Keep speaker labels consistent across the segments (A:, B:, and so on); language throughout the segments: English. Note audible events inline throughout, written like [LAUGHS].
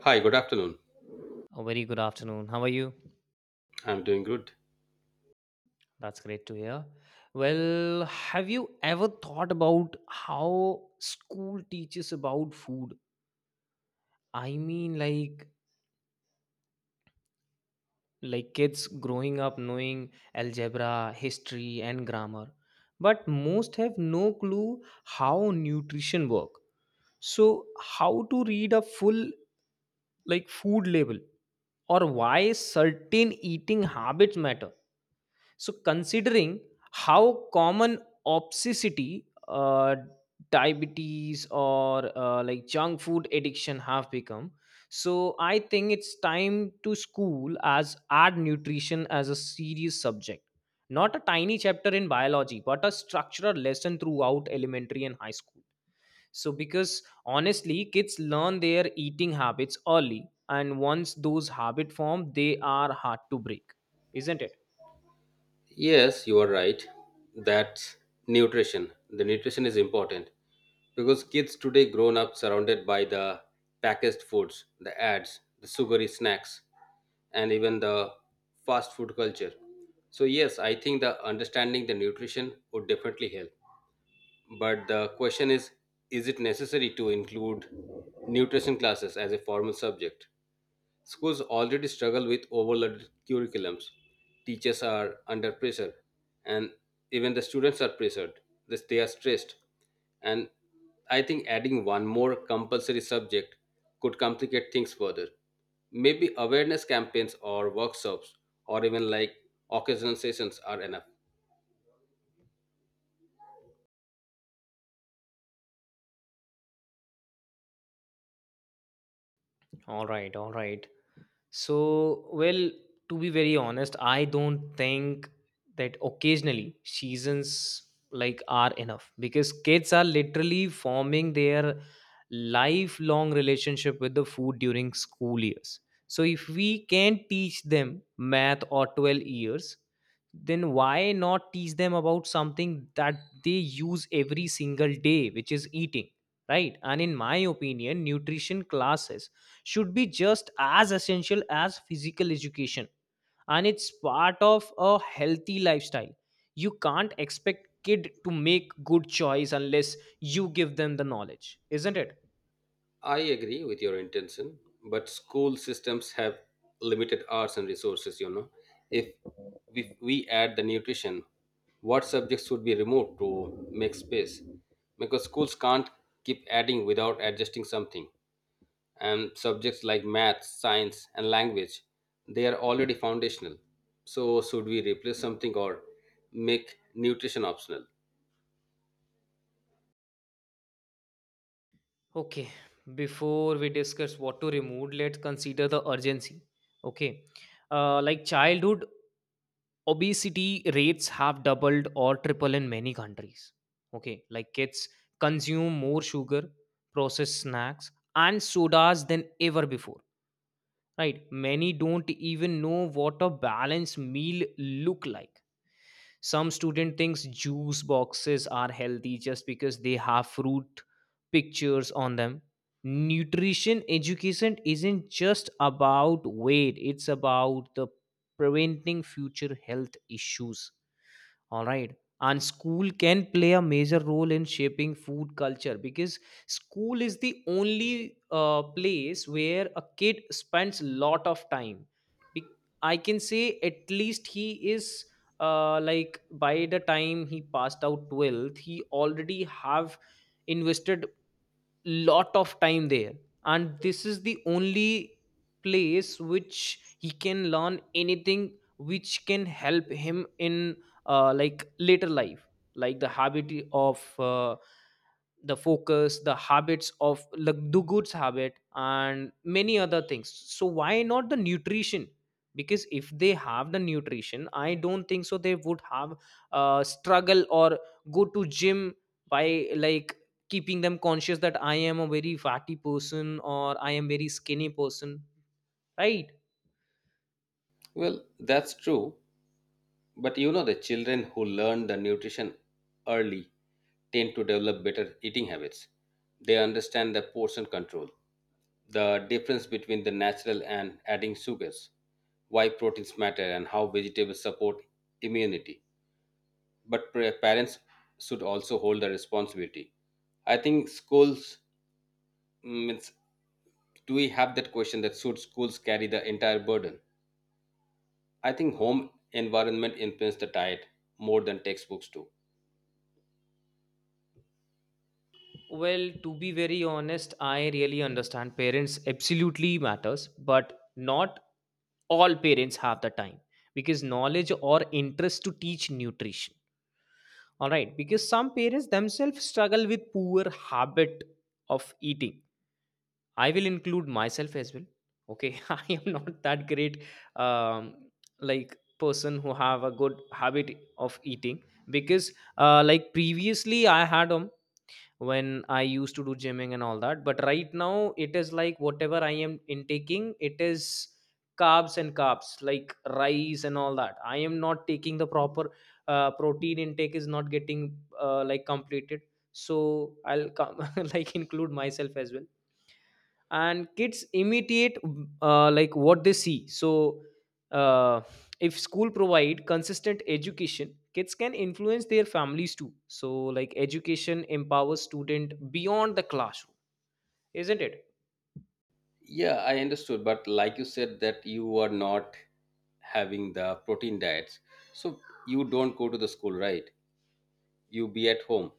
A: Hi, good afternoon.
B: A very good afternoon. How are you?
A: I'm doing good.
B: That's great to hear. Well, have you ever thought about how school teaches about food? I mean, like like kids growing up knowing algebra, history, and grammar, but most have no clue how nutrition work. So, how to read a full like food label or why certain eating habits matter. So, considering how common obesity, diabetes, or like junk food addiction have become, so I think it's time to school as add nutrition as a serious subject, not a tiny chapter in biology, but a structural lesson throughout elementary and high school. So, because honestly, kids learn their eating habits early, and once those habits form, they are hard to break, isn't it?
A: Yes, you are right. That's nutrition. The nutrition is important because kids today grown up surrounded by the packaged foods, the ads, the sugary snacks, and even the fast food culture. So yes, I think the understanding the nutrition would definitely help. But the question is it necessary to include nutrition classes as a formal subject? Schools already struggle with overloaded curriculums. Teachers are under pressure, and even the students are pressured. They are stressed. And I think adding one more compulsory subject could complicate things further. Maybe awareness campaigns or workshops or even like occasional sessions are enough.
B: All right, all right. So, well, to be very honest, I don't think that occasionally seasons like are enough because kids are literally forming their lifelong relationship with the food during school years. So, if we can't teach them math or 12 years, then why not teach them about something that they use every single day, which is eating, right? And in my opinion, nutrition classes should be just as essential as physical education, and it's part of a healthy lifestyle. You can't expect kid to make good choice unless you give them the knowledge, isn't it?
A: I agree with your intention, but school systems have limited hours and resources, you know. If if we add the nutrition, what subjects would be removed to make space? Because schools can't keep adding without adjusting something. And subjects like math, science, and language, they are already foundational. So should we replace something or make nutrition optional?
B: Okay, before we discuss what to remove, let's consider the urgency. Okay, like childhood obesity rates have doubled or tripled in many countries. Okay, like kids consume more sugar, processed snacks and sodas than ever before, right? Many don't even know what a balanced meal look like. Some student thinks juice boxes are healthy just because they have fruit pictures on them. Nutrition education isn't just about weight, it's about the preventing future health issues, all right. And school can play a major role in shaping food culture because school is the only place where a kid spends lot of time. Be- I can say at least he is like by the time he passed out 12th, he already have invested lot of time there, and this is the only place which he can learn anything which can help him in like later life, like the habit of the focus, the habits of like do goods habit and many other things. So why not the nutrition? Because if they have the nutrition, I don't think so they would have struggle or go to gym by like keeping them conscious that I am a very fatty person or I am very skinny person, right?
A: Well, that's true. But you know, the children who learn the nutrition early tend to develop better eating habits. They understand the portion control, the difference between the natural and adding sugars, why proteins matter, and how vegetables support immunity. But parents should also hold the responsibility. I think schools, means, do we have that question that should schools carry the entire burden? I think home environment influence the diet more than textbooks do.
B: Well, to be very honest, I really understand parents absolutely matters, but not all parents have the time because knowledge or interest to teach nutrition, all right? Because some parents themselves struggle with poor habit of eating. I will include myself as well. Okay, [LAUGHS] I am not that great, um, like person who have a good habit of eating because, like previously I had when I used to do gymming and all that, but right now it is like whatever I am intaking, it is carbs and carbs like rice and all that. I am not taking the proper protein intake is not getting like completed, so I'll come [LAUGHS] like include myself as well. And kids imitate like what they see. So uh, if school provide consistent education, kids can influence their families too. So like education empowers student beyond the classroom, isn't it?
A: Yeah, I understood, but like you said that you are not having the protein diets. So you don't go to the school, right? You be at home.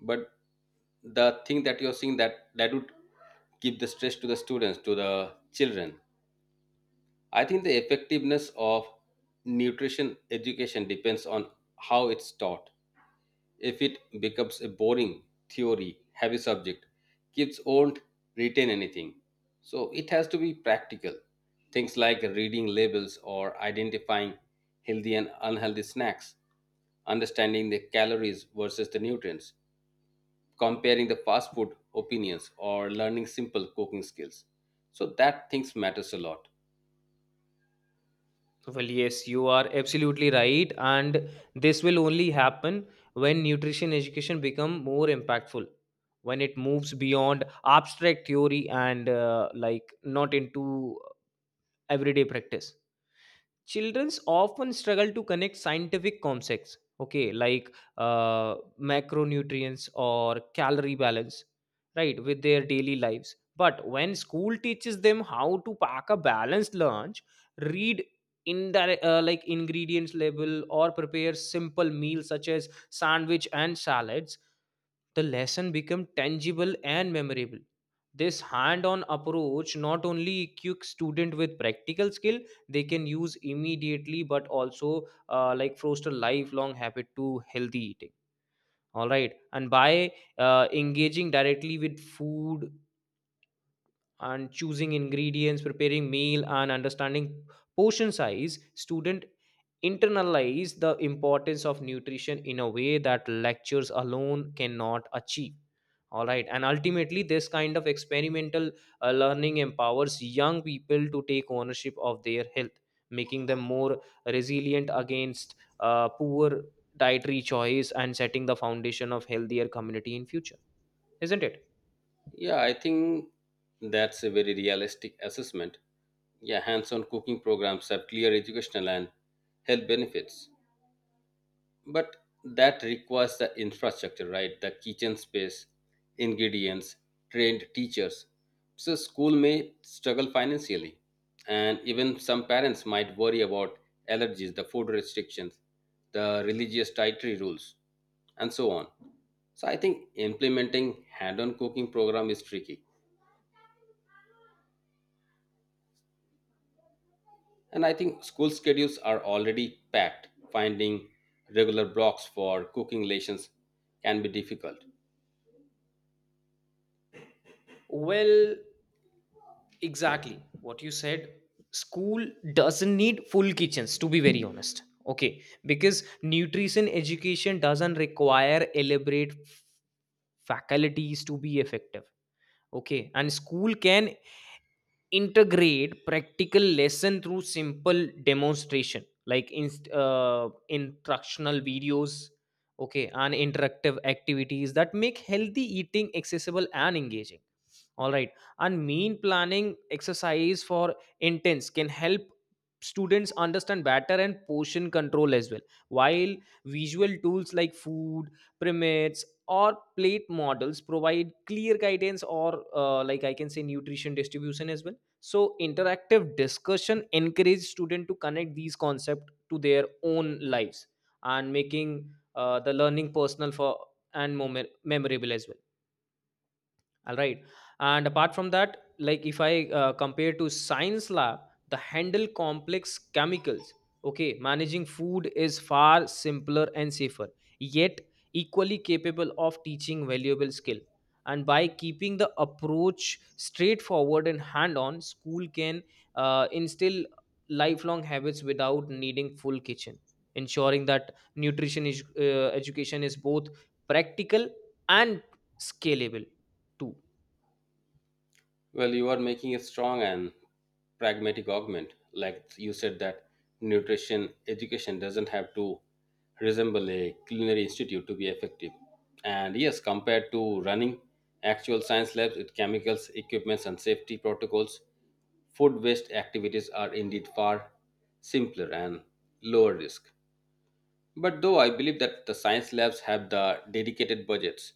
A: But the thing that you're seeing that would give the stress to the students, to the children. I think the effectiveness of nutrition education depends on how it's taught. If it becomes a boring, theory, heavy subject, kids won't retain anything. So it has to be practical. Things like reading labels or identifying healthy and unhealthy snacks, understanding the calories versus the nutrients, comparing the fast food opinions, or learning simple cooking skills. So that things matters a lot.
B: Well, yes, you are absolutely right, and this will only happen when nutrition education become more impactful, when it moves beyond abstract theory and like not into everyday practice. Childrens often struggle to connect scientific concepts, okay, like uh, macronutrients or calorie balance, right, with their daily lives. But when school teaches them how to pack a balanced lunch, read in like ingredients label or prepare simple meals such as sandwich and salads, the lesson become tangible and memorable. This hand-on approach not only equips student with practical skill they can use immediately, but also like foster lifelong habit to healthy eating, all right. And by engaging directly with food and choosing ingredients, preparing meal and understanding portion size, student internalize the importance of nutrition in a way that lectures alone cannot achieve, all right. And ultimately, this kind of experimental learning empowers young people to take ownership of their health, making them more resilient against poor dietary choice and setting the foundation of healthier community in future, isn't it?
A: Yeah, I think that's a very realistic assessment. Yeah, hands-on cooking programs have clear educational and health benefits. But that requires the infrastructure, right? The kitchen space, ingredients, trained teachers. So school may struggle financially, and even some parents might worry about allergies, the food restrictions, the religious dietary rules, and so on. So I think implementing hand-on cooking program is tricky. And I think school schedules are already packed. Finding regular blocks for cooking lessons can be difficult.
B: Well, exactly what you said, school doesn't need full kitchens, to be very honest. Okay, because nutrition education doesn't require elaborate faculties to be effective. Okay, and school can integrate practical lesson through simple demonstration like instructional videos, okay, and interactive activities that make healthy eating accessible and engaging, all right. And mean planning exercise for intents can help students understand better and portion control as well, while visual tools like food pyramids or plate models provide clear guidance or like I can say nutrition distribution as well. So interactive discussion encourage students to connect these concepts to their own lives, and making the learning personal for and more memorable as well, all right. And apart from that, like if I compare to science lab the handle complex chemicals, okay, managing food is far simpler and safer, yet equally capable of teaching valuable skill. And by keeping the approach straightforward and hand on, school can instill lifelong habits without needing full kitchen, ensuring that nutrition is, education is both practical and scalable too.
A: Well, you are making a strong and pragmatic argument, like you said that nutrition education doesn't have to resemble a culinary institute to be effective. And yes, compared to running actual science labs with chemicals, equipments, and safety protocols, food based activities are indeed far simpler and lower risk. But though I believe that the science labs have the dedicated budgets,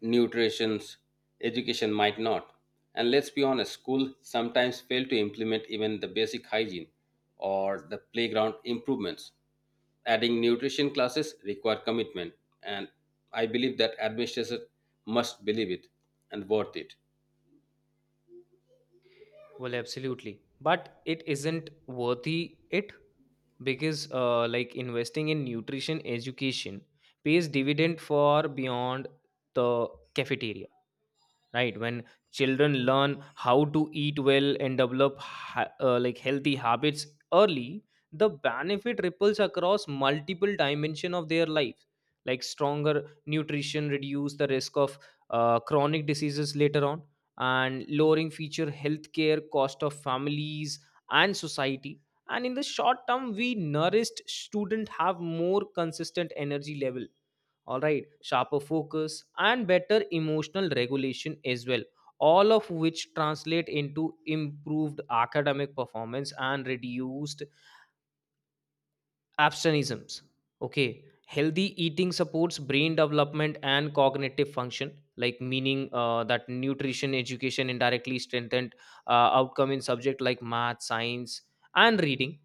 A: nutrition's education might not. And let's be honest, schools sometimes fail to implement even the basic hygiene or the playground improvements. Adding nutrition classes require commitment, and I believe that administrators must believe it and worth it.
B: Well, absolutely. But it isn't worthy it, because like investing in nutrition education pays dividend for beyond the cafeteria, right? When children learn how to eat well and develop like healthy habits early, the benefit ripples across multiple dimension of their life, like stronger nutrition reduce the risk of chronic diseases later on, and lowering future healthcare cost of families and society. And in the short term, we nourished student have more consistent energy level, all right, sharper focus and better emotional regulation as well, all of which translate into improved academic performance and reduced absenteeisms. Okay, healthy eating supports brain development and cognitive function, like meaning that nutrition education indirectly strengthened outcome in subject like math, science and reading.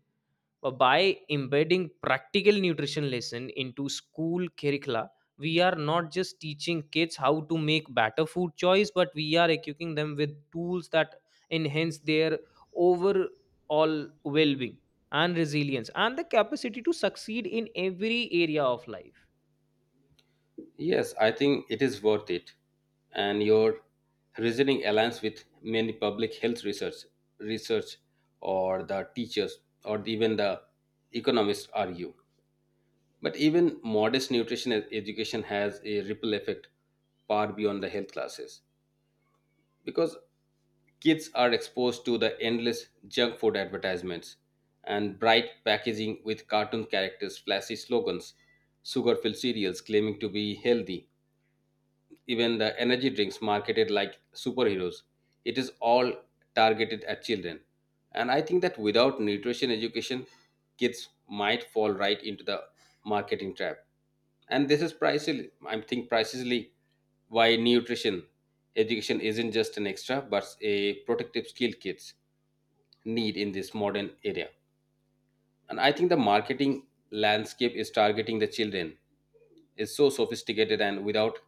B: But by embedding practical nutrition lesson into school curricula, we are not just teaching kids how to make better food choice, but we are equipping them with tools that enhance their overall well-being and resilience and the capacity to succeed in every area of life.
A: Yes, I think it is worth it. And your reasoning aligns with many public health research, research, or the teachers, or even the economists argue. But even modest nutrition education has a ripple effect far beyond the health classes because kids are exposed to the endless junk food advertisements and bright packaging with cartoon characters, flashy slogans, sugar filled cereals claiming to be healthy, even the energy drinks marketed like superheroes. It is all targeted at children, and I think that without nutrition education kids might fall right into the marketing trap. And this is precisely, I think precisely why nutrition education isn't just an extra but a protective skill kids need in this modern area. And I think the marketing landscape is targeting the children is so sophisticated, and without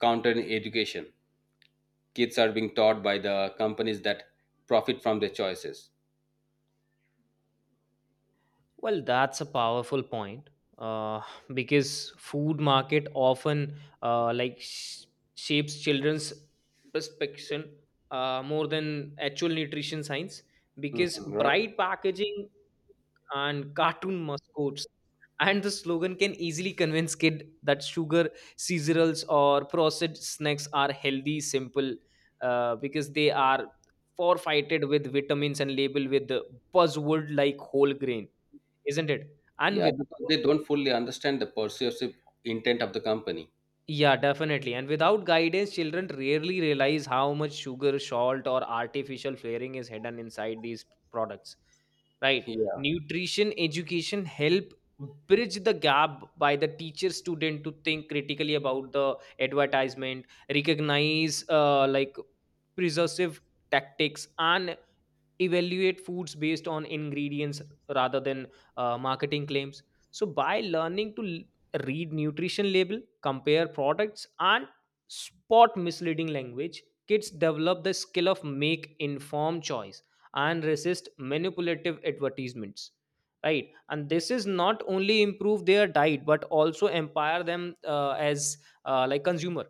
A: countering education kids are being taught by the companies that profit from their choices.
B: Well, that's a powerful point, uh, because food market often uh, like sh- shapes children's perception more than actual nutrition science, because
A: Mhm, right.
B: bright packaging and cartoon mascots and the slogan can easily convince kid that sugar cereals or processed snacks are healthy simple, because they are forfeited with vitamins and labeled with the buzzword like whole grain, isn't it? And
A: Yeah,
B: without,
A: because they don't fully understand the persuasive intent of the company.
B: yeah, definitely. And without guidance, children rarely realize how much sugar, salt, or artificial flavoring is hidden inside these products. Right?
A: Yeah.
B: Nutrition education help bridge the gap by the teacher student to think critically about the advertisement, recognize like preservative tactics, and evaluate foods based on ingredients rather than marketing claims. So by learning to read nutrition label, compare products and spot misleading language, kids develop the skill of make informed choice and resist manipulative advertisements, right? And this is not only improve their diet but also empower them as like consumer,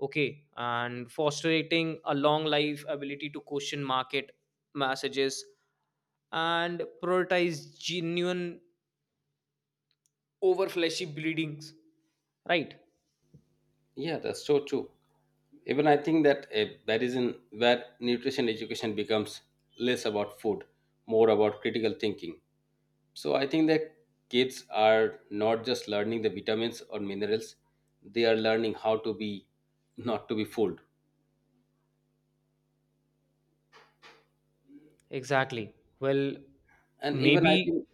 B: okay, and fostering a long life ability to question market messages and prioritize genuine over fleshy bleedings, right?
A: Yeah, that's so true. Even I think that, that is in where nutrition education becomes less about food, more about critical thinking. So I think that kids are not just learning the vitamins or minerals, they are learning how to be not to be fooled.
B: Exactly. Well,
A: And even
B: maybe,
A: I think.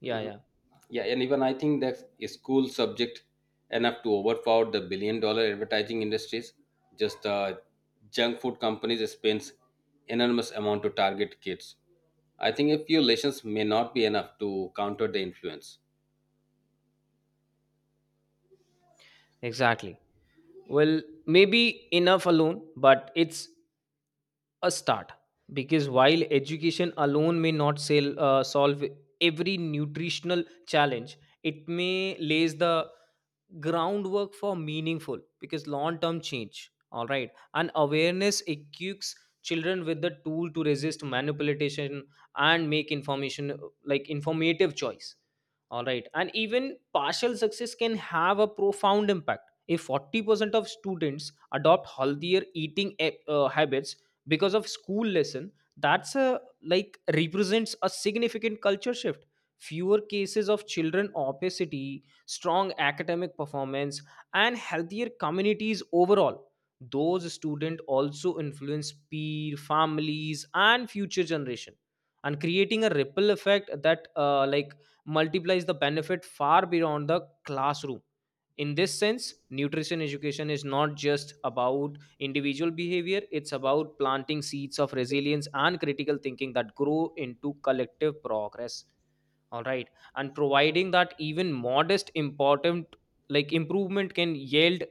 B: yeah,
A: Mhm.
B: yeah.
A: Yeah, and even I think that a school subject enough to overpower the billion dollar advertising industries. Just the junk food companies spends enormous amount to target kids. I think a few lessons may not be enough to counter the influence.
B: Exactly. Well, maybe enough alone, but it's a start, because while education alone may not solve every nutritional challenge, it may lays the groundwork for meaningful because long term change, all right. And awareness equips children with the tool to resist manipulation and make information like informative choice, all right. And even partial success can have a profound impact. If 40% of students adopt healthier eating habits because of school lesson, that's a like represents a significant culture shift, fewer cases of children obesity, strong academic performance and healthier communities overall. Those students also influence peer families and future generation, and creating a ripple effect that like multiplies the benefit far beyond the classroom. In this sense, nutrition education is not just about individual behavior, it's about planting seeds of resilience and critical thinking that grow into collective progress, all right. And providing that even modest important like improvement can yield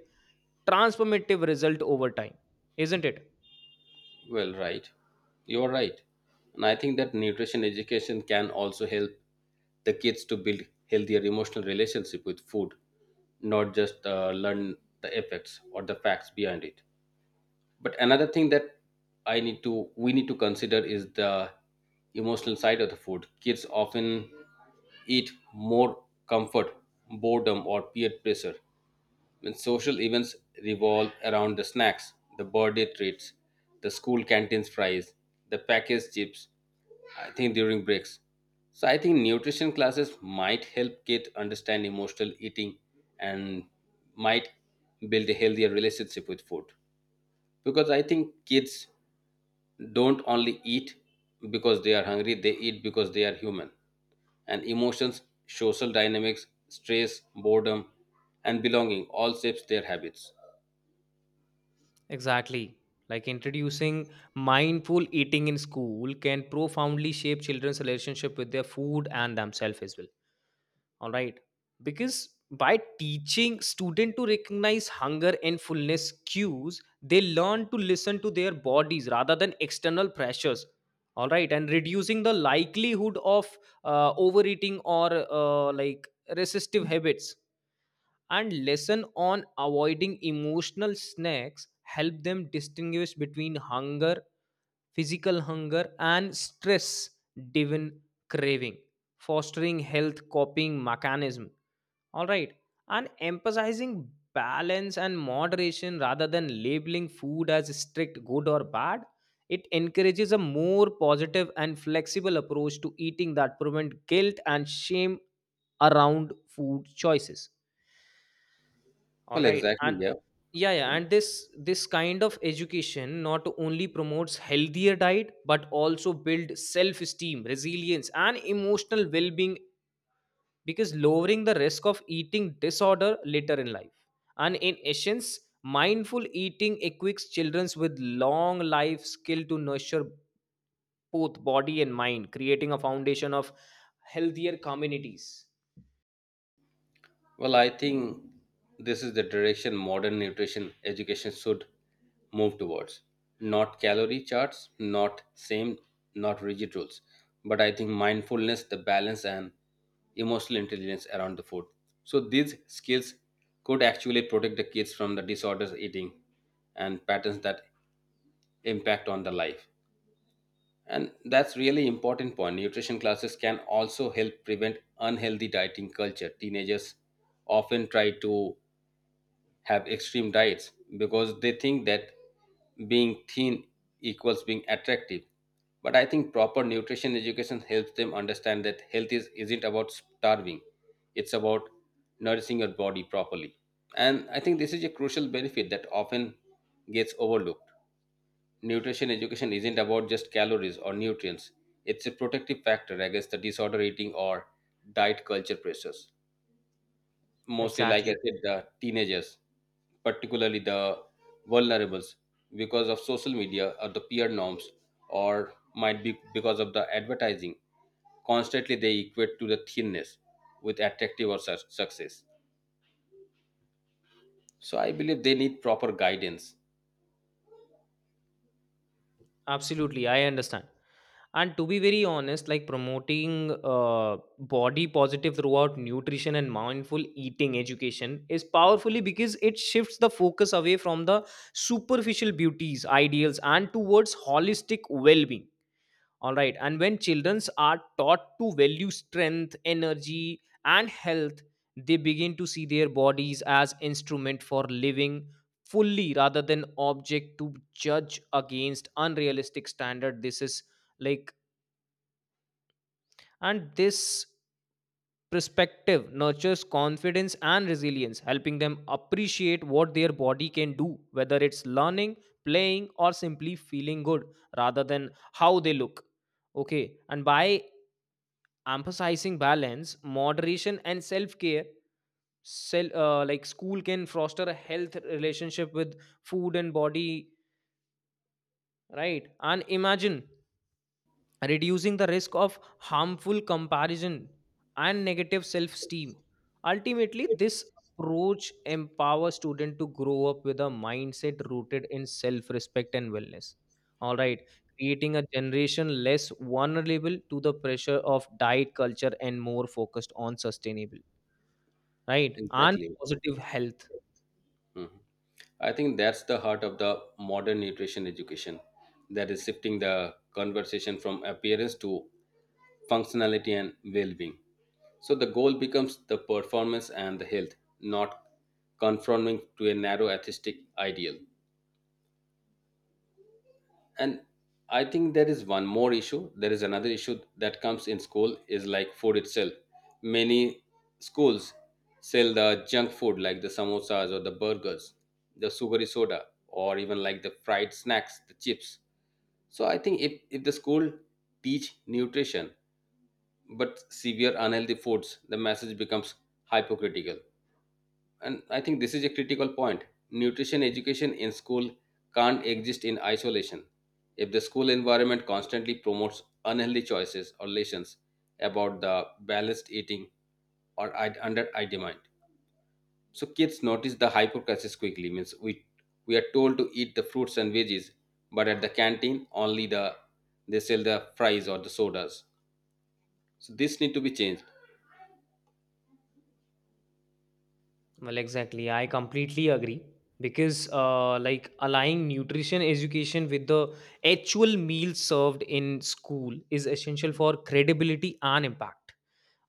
B: transformative result over time, isn't it?
A: Well, right. You're right. And I think that nutrition education can also help the kids to build healthier emotional relationship with food, not just learn the effects or the facts behind it. But another thing that I need to we need to consider is the emotional side of the food. Kids often eat more comfort, boredom, or peer pressure when social events revolve around the snacks, the birthday treats, the school canteen's fries, the packaged chips, I think, during breaks. So I think nutrition classes might help kids understand emotional eating and might build a healthier relationship with food, because I think kids don't only eat because they are hungry, they eat because they are human. And emotions, social dynamics, stress, boredom, and belonging all shapes their habits.
B: Exactly. Like introducing mindful eating in school can profoundly shape children's relationship with their food and themselves as well, all right. Because by teaching student to recognize hunger and fullness cues, they learn to listen to their bodies rather than external pressures, all right. And reducing the likelihood Of overeating or resistive habits, and lesson on avoiding emotional snacks help them distinguish between hunger, physical hunger, and stress driven craving, fostering health coping mechanism. All right. And emphasizing balance and moderation rather than labeling food as strict good or bad, it encourages a more positive and flexible approach to eating that prevent guilt and shame around food choices. All
A: Well,
B: right
A: exactly,
B: and
A: yeah.
B: yeah and this kind of education not only promotes healthier diet but also build self esteem, resilience, and emotional well being, because lowering the risk of eating disorder later in life. And in essence, mindful eating equips children with long life skill to nurture both body and mind, creating a foundation of healthier communities.
A: Well, I think this is the direction modern nutrition education should move towards. Not calorie charts, not same, not rigid rules, but I think mindfulness, the balance, and emotional intelligence around the food. So these skills could actually protect the kids from the disorders eating and patterns that impact on the life. And that's really important point. Nutrition classes can also help prevent unhealthy dieting culture. Teenagers often try to have extreme diets because they think that being thin equals being attractive. But I think proper nutrition education helps them understand that health is, isn't about starving, it's about nourishing your body properly. And I think this is a crucial benefit that often gets overlooked. Nutrition education isn't about just calories or nutrients, it's a protective factor against the disorder eating or diet culture pressures, mostly, like I
B: Exactly.
A: said, the teenagers, particularly the vulnerables, because of social media or the peer norms, or might be because of the advertising constantly they equate to the thinness with attractive or such success. So I believe they need proper guidance.
B: Absolutely, I understand. And to be very honest, like, promoting body positive throughout nutrition and mindful eating education is powerfully because it shifts the focus away from the superficial beauties, ideals, and towards holistic well being. All right. And when children are taught to value strength, energy, and health, they begin to see their bodies as instrument for living fully rather than object to judge against unrealistic standard. Like this perspective nurtures confidence and resilience, helping them appreciate what their body can do, whether it's learning, playing, or simply feeling good rather than how they look. Okay. And by emphasizing balance, moderation, and self-care, Sel like school can foster a health relationship with food and body, right? And imagine reducing the risk of harmful comparison and negative self esteem. Ultimately, this approach empowers students to grow up with a mindset rooted in self respect and wellness. All right, creating a generation less vulnerable to the pressure of diet culture and more focused on sustainable, right, and
A: Exactly.
B: positive health.
A: Mhm. I think that's the heart of the modern nutrition education, that is shifting the conversation from appearance to functionality and well-being. So the goal becomes the performance and the health, not conforming to a narrow artistic ideal. And I think there is one more issue. There is another issue that comes in school is like food itself. Many schools sell the junk food like the samosas or the burgers, the sugary soda, or even like the fried snacks, the chips. So I think if the school teach nutrition but severe unhealthy foods, the message becomes hypocritical. And I think this is a critical point. Nutrition education in school can't exist in isolation. If the school environment constantly promotes unhealthy choices or lessons about the balanced eating or I, under I demand. So kids notice the hypercrisis quickly, means, we are told to eat the fruits and veggies, but at the canteen only the, they sell the fries or the sodas. So this need to be changed.
B: Well, exactly. I completely agree, because, aligning nutrition education with the actual meal served in school is essential for credibility and impact.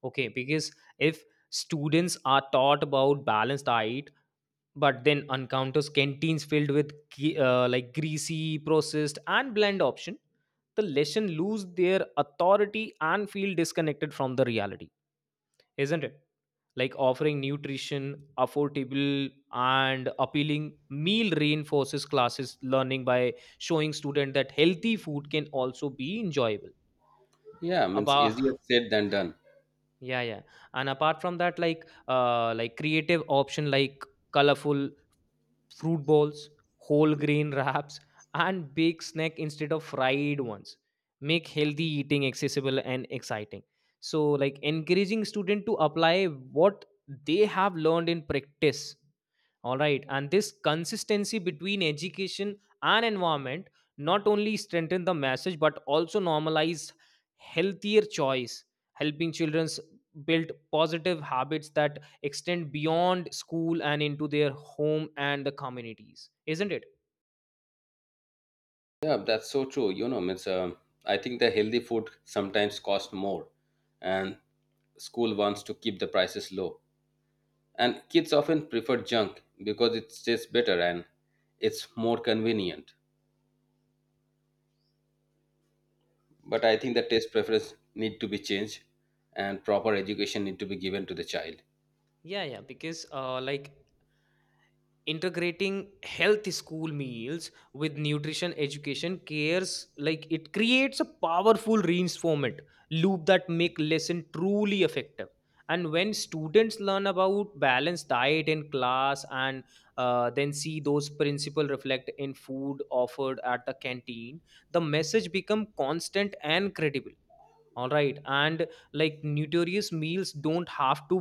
B: Okay, because if students are taught about balanced diet, but then encounters canteens filled with greasy, processed, and bland option, the lesson lose their authority and feel disconnected from the reality, isn't it? Like offering nutrition, affordable, and appealing meal reinforces classes learning by showing student that healthy food can also be enjoyable.
A: Yeah, means
B: About
A: easier said than done.
B: yeah. And apart from that, like creative option like colorful fruit balls, whole grain [LAUGHS] wraps, and baked snack instead of fried ones make healthy eating accessible and exciting. So like encouraging student to apply what they have learned in practice. All right. And this consistency between education and environment not only strengthen the message but also normalize healthier choice, helping children build positive habits that extend beyond school and into their home and the communities. Isn't it?
A: Yeah, that's so true. You know, I mean, it's, I think the healthy food sometimes cost more, and school wants to keep the prices low. And kids often prefer junk because it tastes better and it's more convenient. But I think
B: Yeah,
A: the taste preference need to be changed, and proper education need to be given to the child.
B: yeah, because integrating health school meals with nutrition education cares, like, it creates a powerful reinforcement loop that make lesson truly effective. And when students learn about balanced diet in class and then see those principles reflect in food offered at the canteen, the message become constant and credible. All right. And like nutritious meals don't have to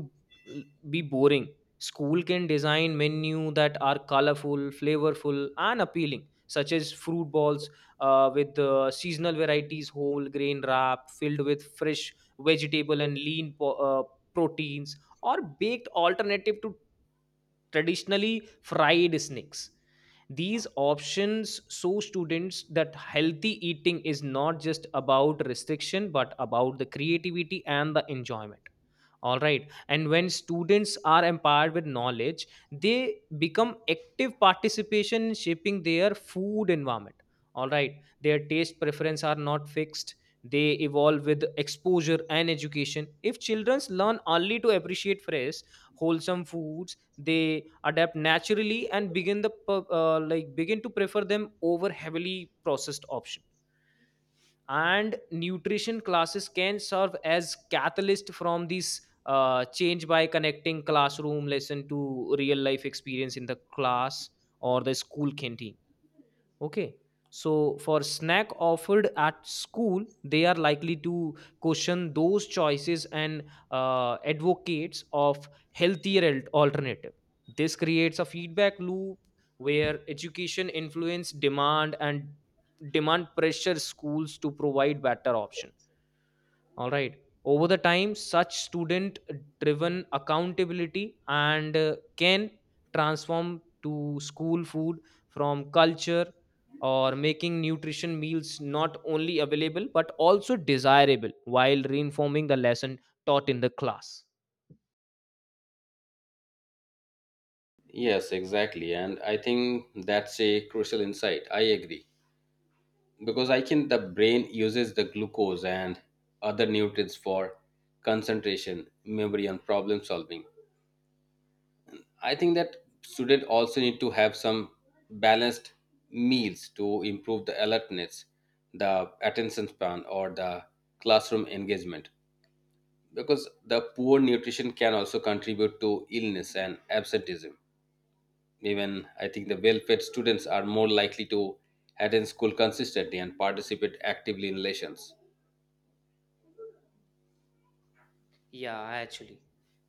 B: l- be boring. School can design menu that are colorful, flavorful, and appealing, such as fruit balls with seasonal varieties, whole grain wrap filled with fresh vegetable and lean proteins, or baked alternative to traditionally fried snacks. These options show students that healthy eating is not just about restriction but about the creativity and the enjoyment. All right. And when students are empowered with knowledge, they become active participation in shaping their food environment. All right, their taste preference are not fixed, they evolve with exposure and education. If children learn only to appreciate fresh wholesome foods, they adapt naturally and begin to prefer them over heavily processed option. And nutrition classes can serve as catalyst from these change by connecting classroom lesson to real life experience in the class or the school canteen. Okay. So for snack offered at school, they are likely to question those choices and advocates of healthier alternative. This creates a feedback loop where education influence demand and demand pressure schools to provide better option. All right. Over the time, such student driven accountability and can transform to school food from culture, or making nutrition meals not only available but also desirable while reinforming the lesson taught in the class.
A: Yes, exactly, and I think that's a crucial insight. I agree. Because I can the brain uses the glucose and other nutrients for concentration, memory, and problem solving. I think that students also need to have some balanced meals to improve the alertness, the attention span, or the classroom engagement, because the poor nutrition can also contribute to illness and absenteeism. Even I think the well-fed students are more likely to attend school consistently and participate actively in lessons.
B: Yeah, actually,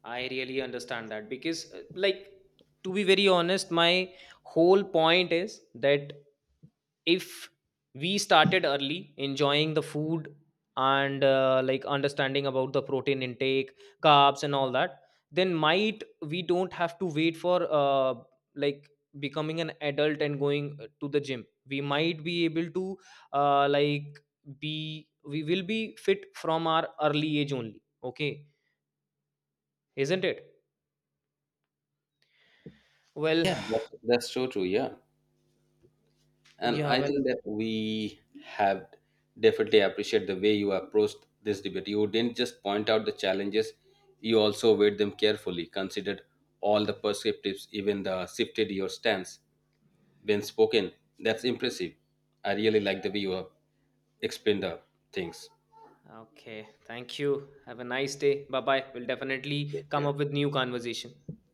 B: I really understand that because, to be very honest, my whole point is that if we started early enjoying the food and understanding about the protein intake, carbs, and all that, then might we don't have to wait for like becoming an adult and going to the gym. We might be able to like be we will be fit from our early age only. Okay, isn't it? Well,
A: Yeah, that's so true. Yeah, and
B: yeah,
A: I
B: well,
A: think that we have definitely appreciate the way you approached this debate. You didn't just point out the challenges; you also weighed them carefully, considered all the perspectives, even the shifted your stance when spoken. That's impressive. I really like the way you have explained the things.
B: okay. Thank you. Have a nice day. Bye bye. We'll definitely come up with new conversation.